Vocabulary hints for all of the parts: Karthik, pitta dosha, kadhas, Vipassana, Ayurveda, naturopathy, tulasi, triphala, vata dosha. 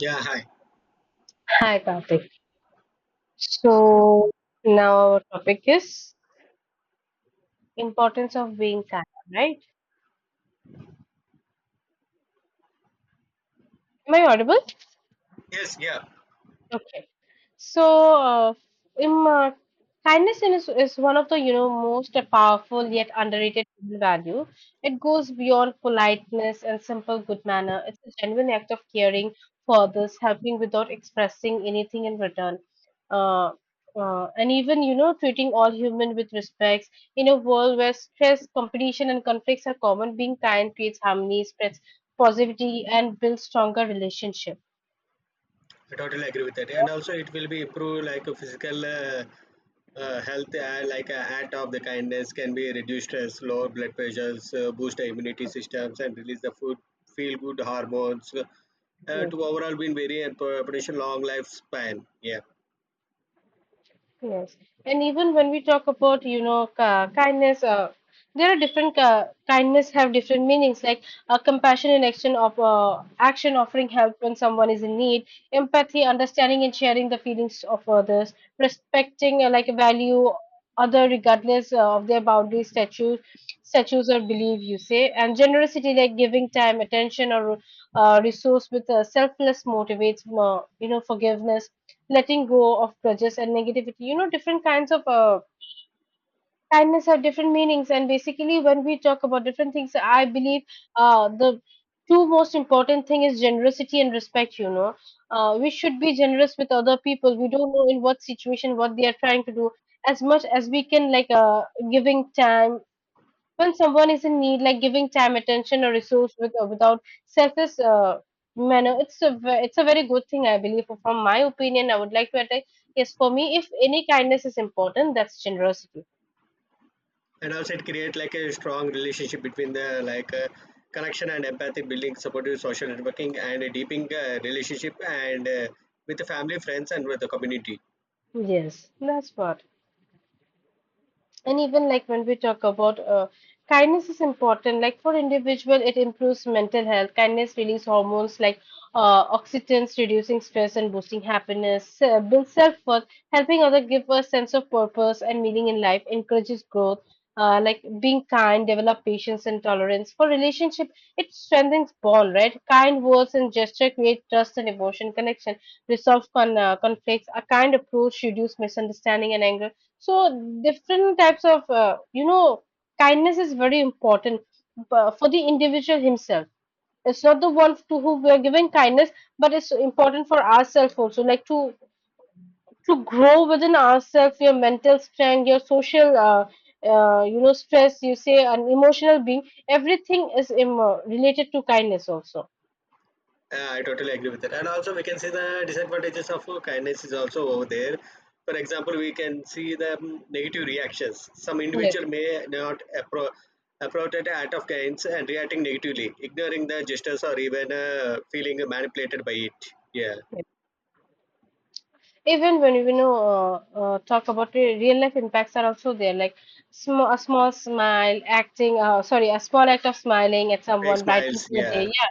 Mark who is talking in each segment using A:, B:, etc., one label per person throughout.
A: Yeah, hi.
B: Hi, Karthik. So now our topic is importance of being kind, right? Am I audible?
A: Yes, yeah,
B: Okay. So, uh, im- uh, kindness is one of the, most powerful yet underrated human value. It goes beyond politeness and simple good manner. It's a genuine act of caring for others, helping without expressing anything in return. Uh, and even, treating all human with respect. In a world where stress, competition, and conflicts are common, being kind creates harmony, spreads positivity, and builds stronger relationship.
A: I totally agree with that. And also, it will be improve like a physical health, like a act of the kindness can be reduce stress, lower blood pressures, boost the immunity systems, and release the food, feel good hormones. Uh,
B: Hmm.
A: to overall, been very and production long lifespan. Yeah,
B: Yes, and even when we talk about, kindness, there are different kindness have different meanings. Like compassion and action of offering help when someone is in need, empathy, understanding and sharing the feelings of others, respecting like value other regardless of their boundaries, statues or belief. You say, and generosity like giving time, attention, or resource with selfless motivates, forgiveness, letting go of grudges and negativity. You know, different kinds of kindness have different meanings, and basically when we talk about different things, I believe the two most important thing is generosity and respect. You know, we should be generous with other people. We don't know in what situation what they are trying to do, as much as we can. Giving time when someone is in need, like giving time, attention, or resource with, without selfish manner, it's a very good thing, I believe. From my opinion, I would like to attack. Yes, for me, if any kindness is important, that's generosity.
A: and also it create like a strong relationship between the connection and empathy, building supportive social networking, and a deepening relationship and with the family, friends, and with the community.
B: Yes, that's what. And even like when we talk about, kindness is important, like for individual it improves mental health. Kindness release hormones like oxytocin, reducing stress and boosting happiness. Builds self-worth, helping others give a sense of purpose and meaning in life. Encourages growth, like being kind develop patience and tolerance for relationship. It strengthens bond, right? Kind words and gesture create trust and emotion connection. Conflicts. A kind approach reduce misunderstanding and anger. So different types of, kindness is very important for the individual himself. It's not the one to whom we are giving kindness, but it's important for ourselves also, like to grow within ourselves, your mental strength, your social, stress. You say an emotional being. Everything is related to kindness also.
A: I totally agree with that. And also, we can see the disadvantages of kindness is also over there. For example, we can see the negative reactions. Some
B: Yes.
A: individual may not appro- appropriate the act of kindness and reacting negatively, ignoring the gestures or even feeling manipulated by it. Yeah,
B: Yes. Even when we know talk about real life impacts are also there, like a small act of smiling at
A: fake
B: someone brightens
A: smiles.
B: their day.
A: Yeah,
B: Yeah,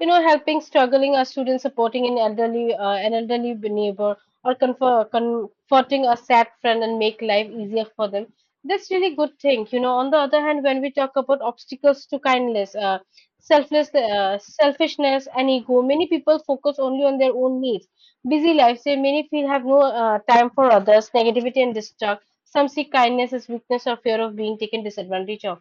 B: you know, helping struggling a student, supporting an elderly neighbor, or comforting a sad friend and make life easier for them, that's really good thing. You know, on the other hand, when we talk about obstacles to kindness, selfless selfishness and ego, many people focus only on their own needs. Busy lives, say many feel have no time for others. Negativity and distrust, some see kindness as weakness or fear of being taken disadvantage of.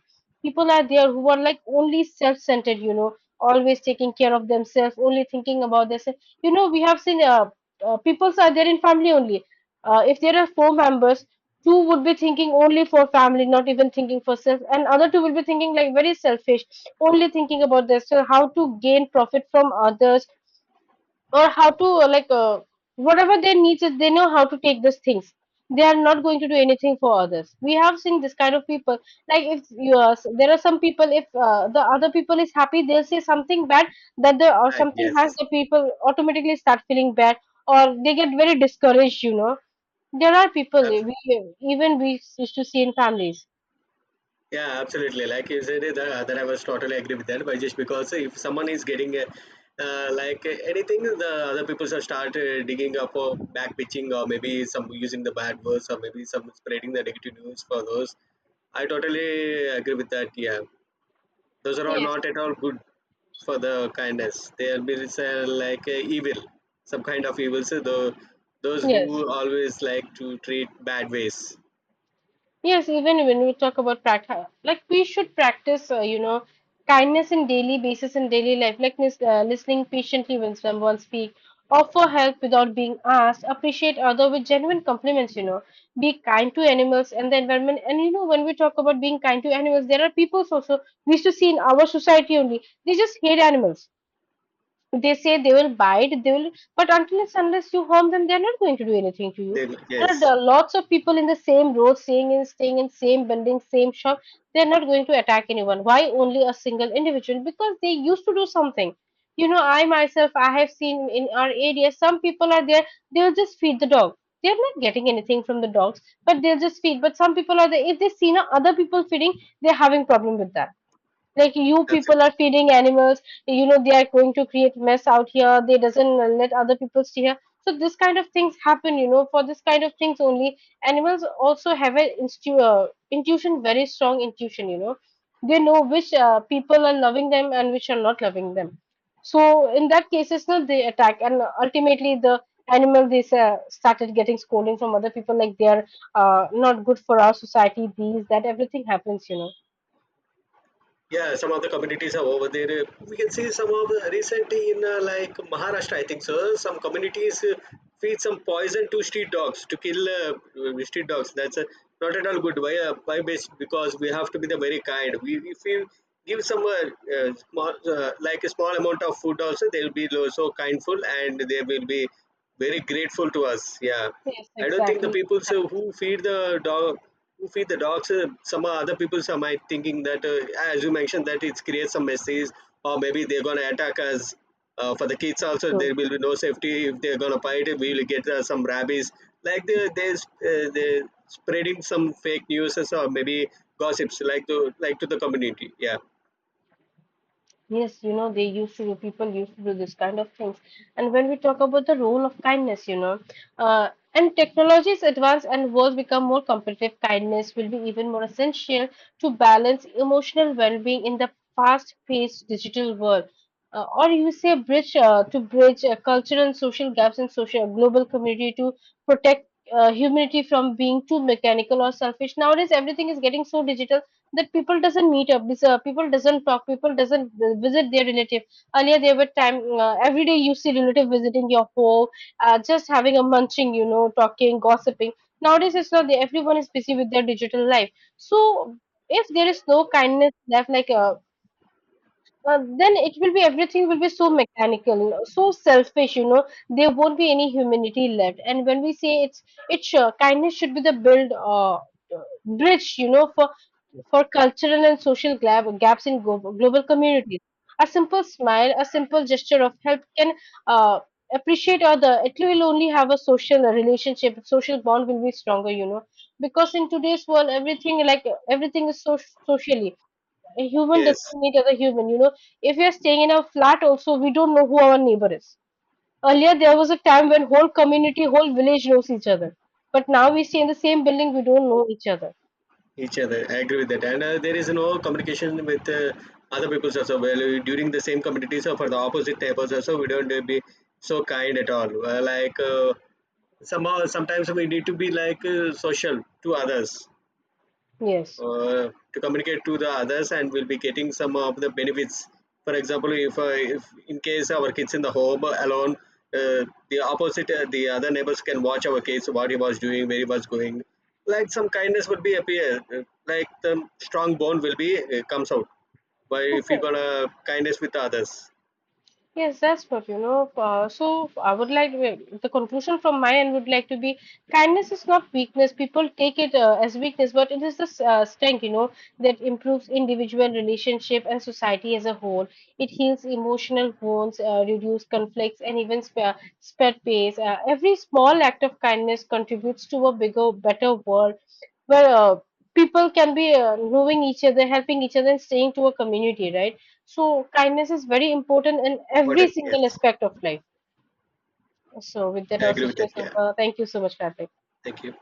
B: People are there who are like only self-centered, you know, always taking care of themselves, only thinking about themselves. You know, we have seen people are there in family only. If there are four members, two would be thinking only for family, not even thinking for self, and other two will be thinking like very selfish, only thinking about themselves, how to gain profit from others, or how to whatever their needs is, they know how to take those things. They are not going to do anything for others. We have seen this kind of people, like if you are there are some people, if the other people is happy, they'll say something bad, that the or
A: right.
B: something has,
A: Yes,
B: the people automatically start feeling bad, or they get very discouraged, you know. There are people we, even we used to see in families.
A: yeah, absolutely. Like you said, it, that I was totally agree with that. But just because if someone is getting a, anything, the other people should start digging up or back pitching or maybe some using the bad words or maybe some spreading the negative news for those. I totally agree with that. Yeah, those are all
B: Yes.
A: not at all good for the kindness. They are being evil, some kind of evil. So those
B: Yes.
A: who always like to treat bad ways.
B: Yes, even when we talk about practice, like we should practice, kindness in daily basis in daily life, like listening patiently when someone speak, offer help without being asked, appreciate other with genuine compliments, you know, be kind to animals and the environment. And you know, when we talk about being kind to animals, there are peoples also we used to see in our society only, they just hate animals. They say they will bite, they will, but until it's, unless you harm them, they're not going to do anything to you.
A: They.
B: There are
A: Yes,
B: lots of people in the same road, staying in, staying in same building, same shop. They're not going to attack anyone. Why only a single individual? Because they used to do something. You know, I myself, I have seen in our area, some people are there. They'll just feed the dog. They're not getting anything from the dogs, but they'll just feed. But some people are there. If they see now other people feeding, they're having problem with that, like you people are
A: absolutely.
B: feeding animals, you know, they are going to create mess out here, they doesn't let other people stay here. So this kind of things happen, you know. For this kind of things only, animals also have an intuition, very strong intuition, you know. They know which people are loving them and which are not loving them. So in that cases, no, they attack, and ultimately the animal, they started getting scolding from other people, like they are not good for our society, these that everything happens, you know.
A: Yeah, some of the communities are over there. We can see some of the recently in Maharashtra, I think so. Some communities feed some poison to street dogs to kill street dogs. That's not at all good. Why? Why? Because we have to be the very kind. We if we give some like a small amount of food also, they'll be so kindful and they will be very grateful to us. Yeah,
B: Yes,
A: I don't think the
B: exactly.
A: people so, who feed the dog you feed the dogs. Some other people some might thinking that, as you mentioned, that it creates some messes, or maybe they're gonna attack us. For the kids also,
B: Hmm.
A: there will be no safety if they're gonna bite. We will get some rabies. Like they they spreading some fake news or so, maybe gossips like to the community. Yeah.
B: Yes, you know, they used to do, people used to do this kind of things. And when we talk about the role of kindness, you know, and technology is advanced and worlds become more competitive, kindness will be even more essential to balance emotional well-being in the fast-paced digital world. Or you say bridge to bridge cultural and social gaps in social global community, to protect humanity from being too mechanical or selfish. Nowadays, everything is getting so digital, that people doesn't meet up this, people doesn't talk, people doesn't visit their relative. Earlier there were time, every day you see relative visiting your home, just having a munching, you know, talking, gossiping. Nowadays it's not there, everyone is busy with their digital life. So if there is no kindness left, then it will be, everything will be so mechanical, so selfish, you know, there won't be any humanity left. And when we say it's kindness should be the build bridge, you know, for cultural and social gaps in global communities. A simple smile, a simple gesture of help can uh, appreciate other. It will only have a social relationship, social bond will be stronger, you know. Because in today's world, everything like everything is so socially. A human doesn't
A: Yes.
B: need other human, you know. If we are staying in a flat, also we don't know who our neighbor is. Earlier, there was a time when whole community, whole village knows each other. But now we stay in the same building, we don't know each other.
A: Each other. I agree with that. And there is no communication with other people also. Well, during the same community, so for the opposite tables also, we don't be so kind at all. Somehow, sometimes we need to be social to others
B: Yes.
A: to communicate to the others, and we'll be getting some of the benefits. For example, if in case our kids in the home alone, uh, the other neighbors can watch our kids what he was doing, where he was going, like some kindness would be appear, like the strong bond will be comes out by if you gonna kindness with others.
B: Yes, that's what, you know. So I would like, the conclusion from my end would like to be, kindness is not weakness. People take it as weakness, but it is the strength, you know, that improves individual relationship and society as a whole. It heals emotional wounds, reduce conflicts, and even spare spread pace. Every small act of kindness contributes to a bigger, better world where people can be knowing each other, helping each other, and staying to a community, right? So kindness is very important in every
A: Important. Yes,
B: single aspect of life. So with that,
A: I
B: our
A: agree with
B: session
A: that.
B: is
A: Yeah,
B: over. Thank you so much, Karthik.
A: thank you.